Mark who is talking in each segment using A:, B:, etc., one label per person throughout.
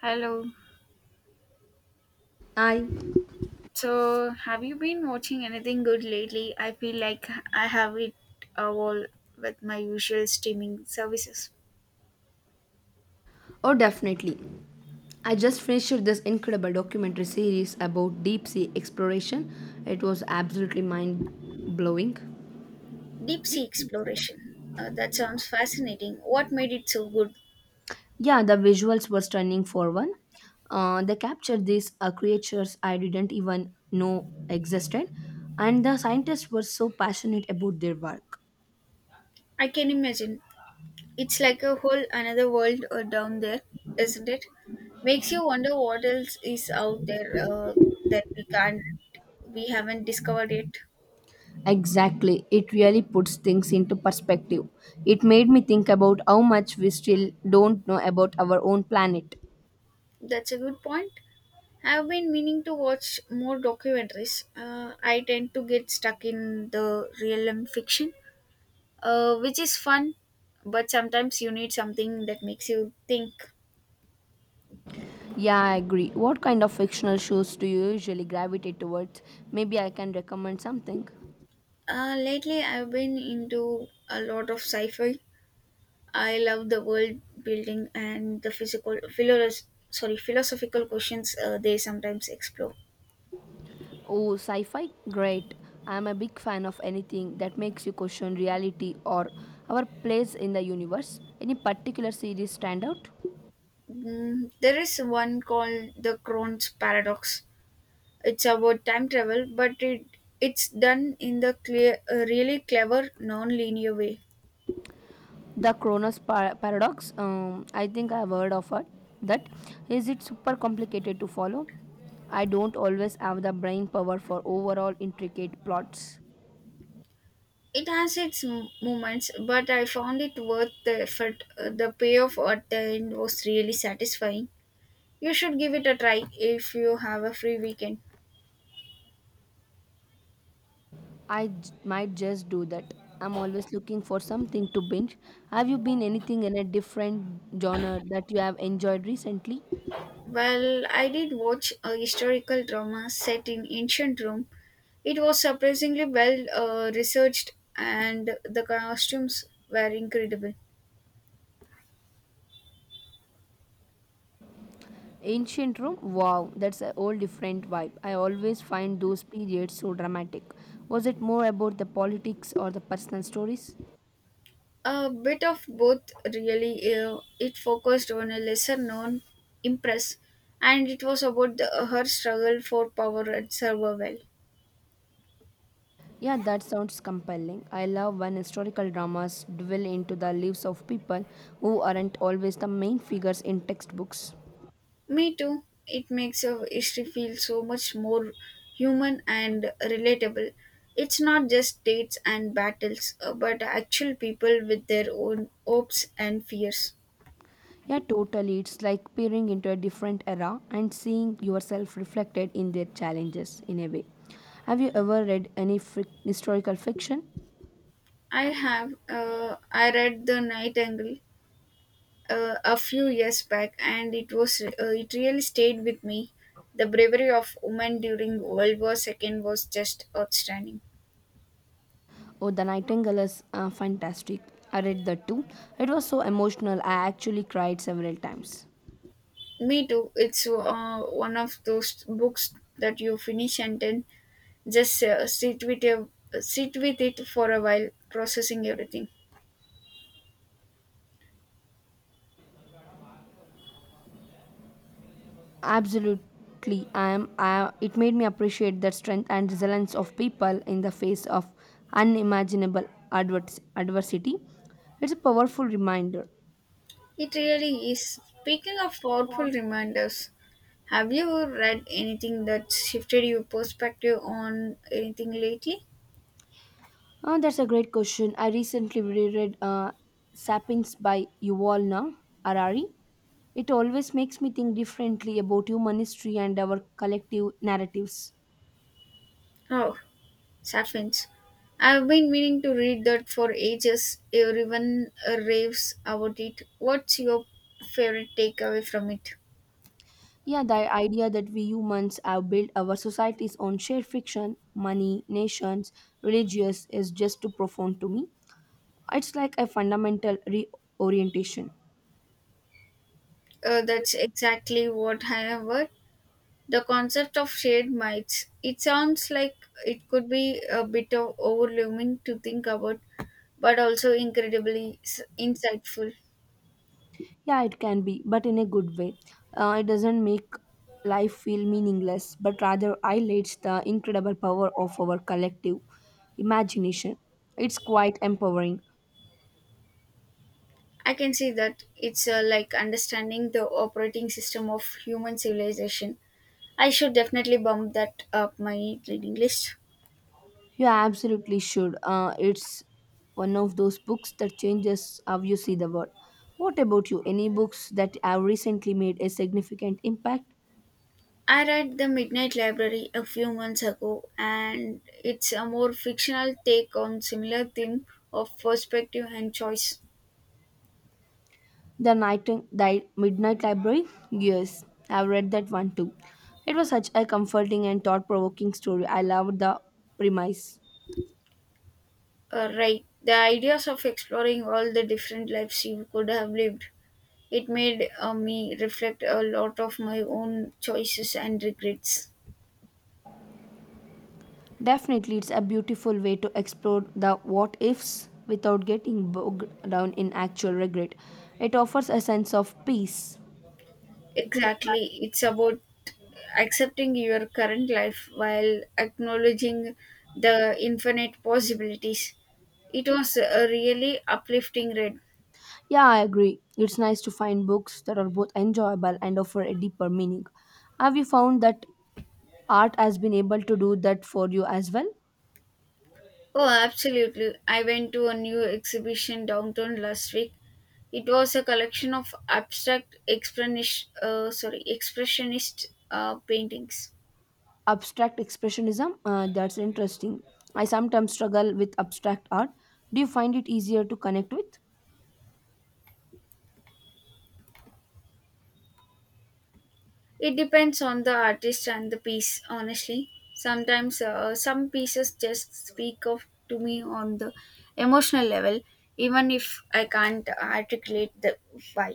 A: Hello.
B: I,
A: So, have you been watching anything good lately? I feel like I have it all with my usual streaming services.
B: oh, definitely. I just finished this incredible documentary series about deep sea exploration. It was absolutely mind blowing.
A: Deep sea exploration. That sounds fascinating. What made it so good?
B: Yeah, the visuals were stunning for one. They captured these creatures I didn't even know existed, and the scientists were so passionate about their work.
A: I can imagine. It's like a whole another world down there, isn't it? Makes you wonder what else is out there that we can't, we haven't discovered yet.
B: Exactly, it really puts things into perspective. It made me think about how much we still don't know about our own planet.
A: That's a good point. I've been meaning to watch more documentaries. I tend to get stuck in the realm fiction, which is fun, but sometimes you need something that makes you think.
B: Yeah, I agree. What kind of fictional shows do you usually gravitate towards? Maybe I can recommend something.
A: Lately, I've been into a lot of sci-fi. I love the world building and the philosophical questions they sometimes explore.
B: Oh, sci fi? Great. I'm a big fan of anything that makes you question reality or our place in the universe. Any particular series stand out?
A: There is one called the Crohn's paradox, it's about time travel, but it's done in the clear a really clever non-linear way.
B: The Cronus Paradox? I think I've heard of it. That Is it super complicated to follow? I don't always have the brain power for overall intricate plots.
A: It has its moments, but I found it worth the effort. The payoff at the end was really satisfying. You should give it a try if you have a free weekend.
B: Might just do that. I'm always looking for something to binge. Have you been anything in a different genre that you have enjoyed recently?
A: Well, I did watch a historical drama set in ancient Rome. It was surprisingly well researched, and the costumes were incredible.
B: Ancient Rome? Wow, that's a whole different vibe. I always find those periods so dramatic. Was it more about the politics or the personal stories?
A: A bit of both, really. It focused on a lesser known Empress, and it was about her struggle for power and survival.
B: Yeah, that sounds compelling. I love when historical dramas dwell into the lives of people who aren't always the main figures in textbooks.
A: Me too. It makes her history feel so much more human and relatable. It's not just dates and battles, but actual people with their own hopes and fears.
B: Yeah, totally. It's like peering into a different era and seeing yourself reflected in their challenges in a way. Have you ever read any fric historical fiction?
A: I have. I read The Nightingale a few years back, and it was it really stayed with me. The bravery of women during World War Two was just outstanding.
B: Oh, The Nightingale is fantastic. I read that too. It was so emotional. I actually cried several times.
A: Me too. It's one of those books that you finish and then just sit with it for a while, processing everything.
B: Absolutely, it made me appreciate the strength and resilience of people in the face of unimaginable adversity. It's a powerful reminder.
A: It really is. Speaking of powerful reminders, have you read anything that shifted your perspective on anything lately?
B: That's a great question. I recently reread Sapiens by Yuval Noah Harari. It always makes me think differently about human history and our collective narratives.
A: Oh, Sapphians. I've been meaning to read that for ages. Everyone raves about it. What's your favorite takeaway from it?
B: Yeah, the idea that we humans have built our societies on shared fiction, money, nations, religious is just too profound to me. It's like a fundamental reorientation.
A: That's exactly what I have heard. The concept of shared mites. It sounds like it could be a bit of overwhelming to think about, but also incredibly insightful.
B: Yeah, it can be, but in a good way. It doesn't make life feel meaningless, but rather highlights the incredible power of our collective imagination. It's quite empowering.
A: I can see that it's like understanding the operating system of human civilization. I should definitely bump that up my reading list.
B: You absolutely should. It's one of those books that changes how you see the world. What about you? Any books that have recently made a significant impact?
A: I read The Midnight Library a few months ago, and it's a more fictional take on similar theme of perspective and choice.
B: The Night the Midnight Library? Yes, I've read that one too. It was such a comforting and thought provoking story. I loved the premise.
A: Right, the ideas of exploring all the different lives you could have lived. It made me reflect a lot of my own choices and regrets.
B: Definitely, it's a beautiful way to explore the what ifs without getting bogged down in actual regret. It offers a sense of peace.
A: Exactly, it's about accepting your current life while acknowledging the infinite possibilities. It was a really uplifting read.
B: Yeah, I agree. It's nice to find books that are both enjoyable and offer a deeper meaning. Have you found that art has been able to do that for you as well?
A: Oh, absolutely. I went to a new exhibition downtown last week. It was a collection of expressionist paintings.
B: Abstract expressionism, that's interesting. I sometimes struggle with abstract art. Do you find it easier to connect with?
A: It depends on the artist and the piece, honestly. Sometimes some pieces just speak of to me on the emotional level, even if I can't articulate the why.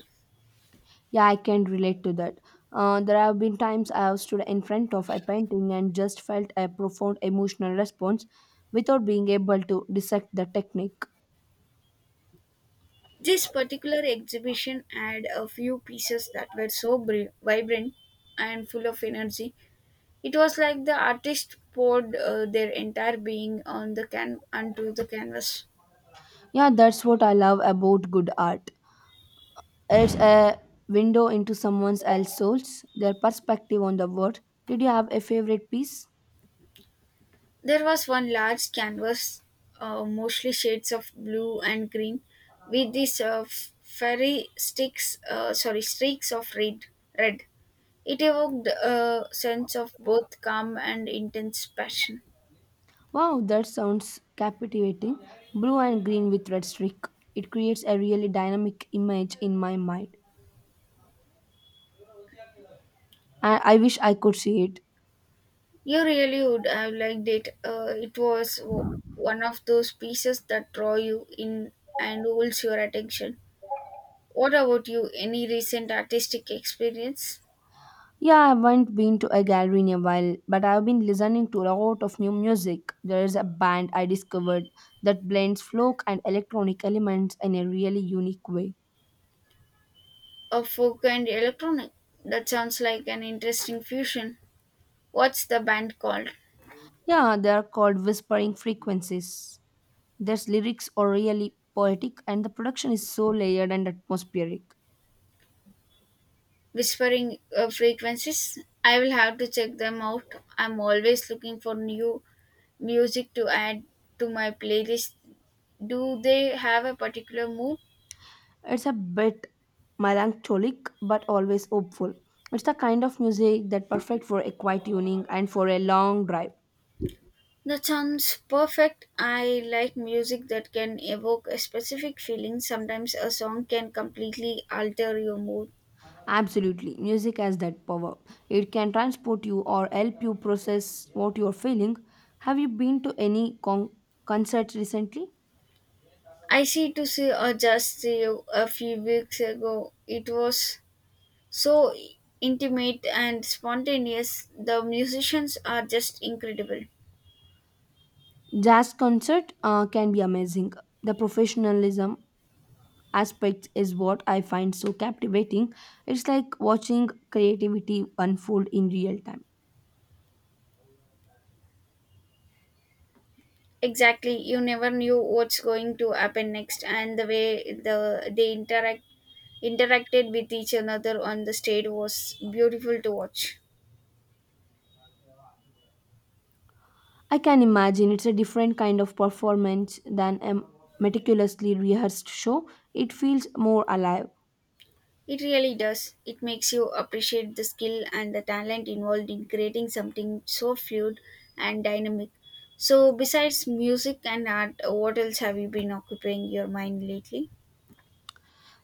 B: Yeah, I can relate to that. There have been times I have stood in front of a painting and just felt a profound emotional response without being able to dissect the technique.
A: This particular exhibition had a few pieces that were so vibrant and full of energy. It was like the artist poured their entire being on the can onto the canvas.
B: Yeah, that's what I love about good art. It's a window into someone else's souls, their perspective on the world. Did you have a favorite piece?
A: There was one large canvas, mostly shades of blue and green, with these streaks of red. Red. It evoked a sense of both calm and intense passion.
B: Wow, that sounds captivating. Blue and green with red streak. It creates a really dynamic image in my mind. I wish I could see it.
A: You really would have liked it. It was one of those pieces that draw you in and holds your attention. What about you? Any recent artistic experience
B: Yeah, I haven't been to a gallery in a while, but I've been listening to a lot of new music. There is a band I discovered that blends folk and electronic elements in a really unique way.
A: of folk and electronic? That sounds like an interesting fusion. What's the band called?
B: Yeah, they are called Whispering Frequencies. Their lyrics are really poetic, and the production is so layered and atmospheric.
A: Whispering Frequencies? I will have to check them out. I'm always looking for new music to add to my playlist. Do they have a particular mood?
B: It's a bit melancholic but always hopeful. It's the kind of music that perfect for a quiet evening and for a long drive.
A: That sounds perfect. I like music that can evoke a specific feeling. Sometimes a song can completely alter your mood.
B: Absolutely, music has that power. It can transport you or help you process what you're feeling. Have you been to any concert recently?
A: I see to see or just see you a few weeks ago. It was so intimate and spontaneous. The musicians are just incredible.
B: Jazz concert can be amazing. The professionalism aspect is what I find so captivating. It's like watching creativity unfold in real time.
A: Exactly, you never knew what's going to happen next, and the way they interacted with each another on the stage was beautiful to watch.
B: I can imagine it's a different kind of performance than a meticulously rehearsed show. It feels more alive.
A: It really does. It makes you appreciate the skill and the talent involved in creating something so fluid and dynamic. So, besides music and art, what else have you been occupying your mind lately?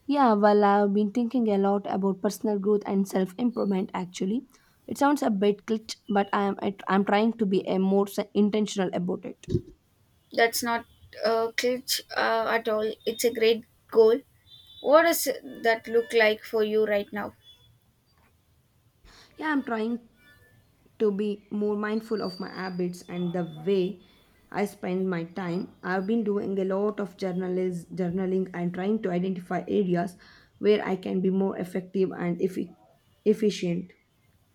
B: Yeah, well, I've been thinking a lot about personal growth and self improvement actually. It sounds a bit cliché, but I'm trying to be a more intentional about it.
A: That's not a glitch at all. It's a great goal. What does that look like for you right now?
B: Yeah, I'm trying to be more mindful of my habits and the way I spend my time. I've been doing a lot of journaling and trying to identify areas where I can be more effective and efficient.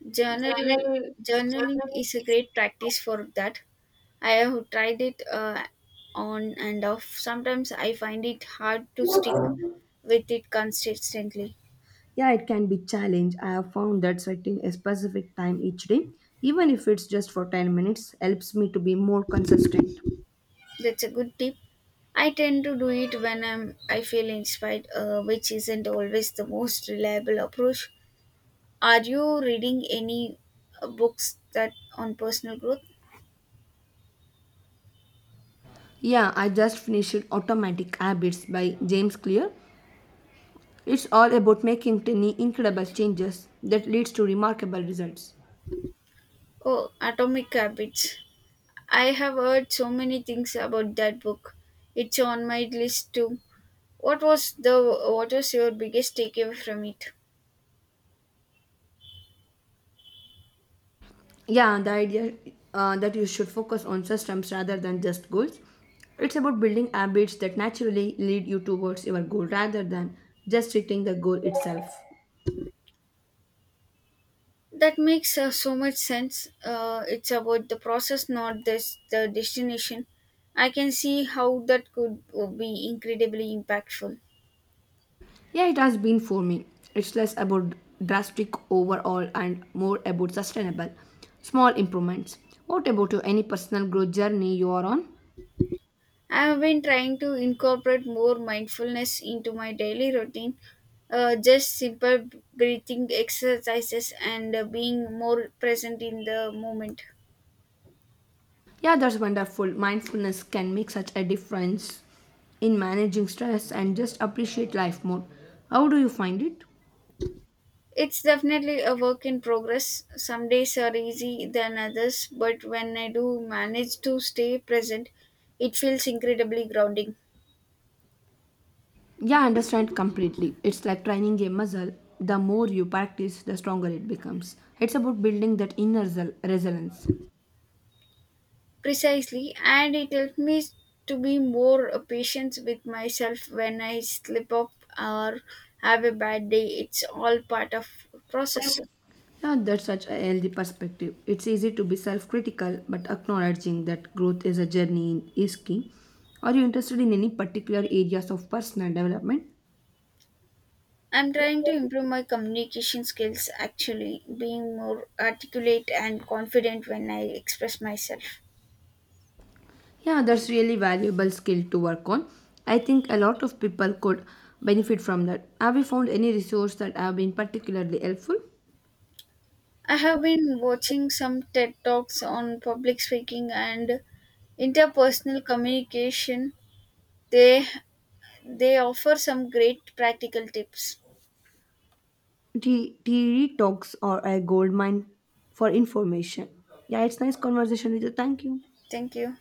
A: Journal
B: Journal,
A: Journaling
B: journaling.
A: is a great practice for that. I have tried it on and off. Sometimes I find it hard to stick with it consistently.
B: Yeah, it can be challenge. I have found that setting a specific time each day, even if it's just for 10 minutes, helps me to be more consistent.
A: That's a good tip. I tend to do it when I feel inspired, which isn't always the most reliable approach. Are you reading any books that on personal growth?
B: Yeah, I just finished Automatic Habits by James Clear. It's all about making tiny, incredible changes that leads to remarkable results.
A: Oh, Atomic Habits. I have heard so many things about that book. It's on my list too. What was the what was your biggest takeaway from it?
B: Yeah, the idea that you should focus on systems rather than just goals. It's about building habits that naturally lead you towards your goal rather than just hitting the goal itself.
A: That makes so much sense. It's about the process, not this the destination. I can see how that could be incredibly impactful.
B: Yeah, it has been for me. It's less about drastic overall and more about sustainable, small improvements. What about you? Any personal growth journey you are on?
A: I have been trying to incorporate more mindfulness into my daily routine, just simple breathing exercises, and being more present in the moment.
B: Yeah, that's wonderful. Mindfulness can make such a difference in managing stress and just appreciate life more. How do you find it?
A: It's definitely a work in progress. Some days are easy than others, but when I do manage to stay present, it feels incredibly grounding.
B: Yeah, I understand completely. It's like training a muscle. The more you practice, the stronger it becomes. It's about building that inner resilience.
A: Precisely, and it helps me to be more patient with myself when I slip up or have a bad day. It's all part of process.
B: Yeah, that's such a healthy perspective. It's easy to be self critical, but acknowledging that growth is a journey is key. Are you interested in any particular areas of personal development?
A: I'm trying to improve my communication skills actually, being more articulate and confident when I express myself.
B: Yeah, that's really valuable skill to work on. I think a lot of people could benefit from that. Have you found any resource that have been particularly helpful?
A: I have been watching some TED Talks on public speaking and interpersonal communication. They they offer some great practical tips.
B: TED Talks are a gold mine for information. Yeah, it's nice conversation with you. Thank you.
A: Thank you.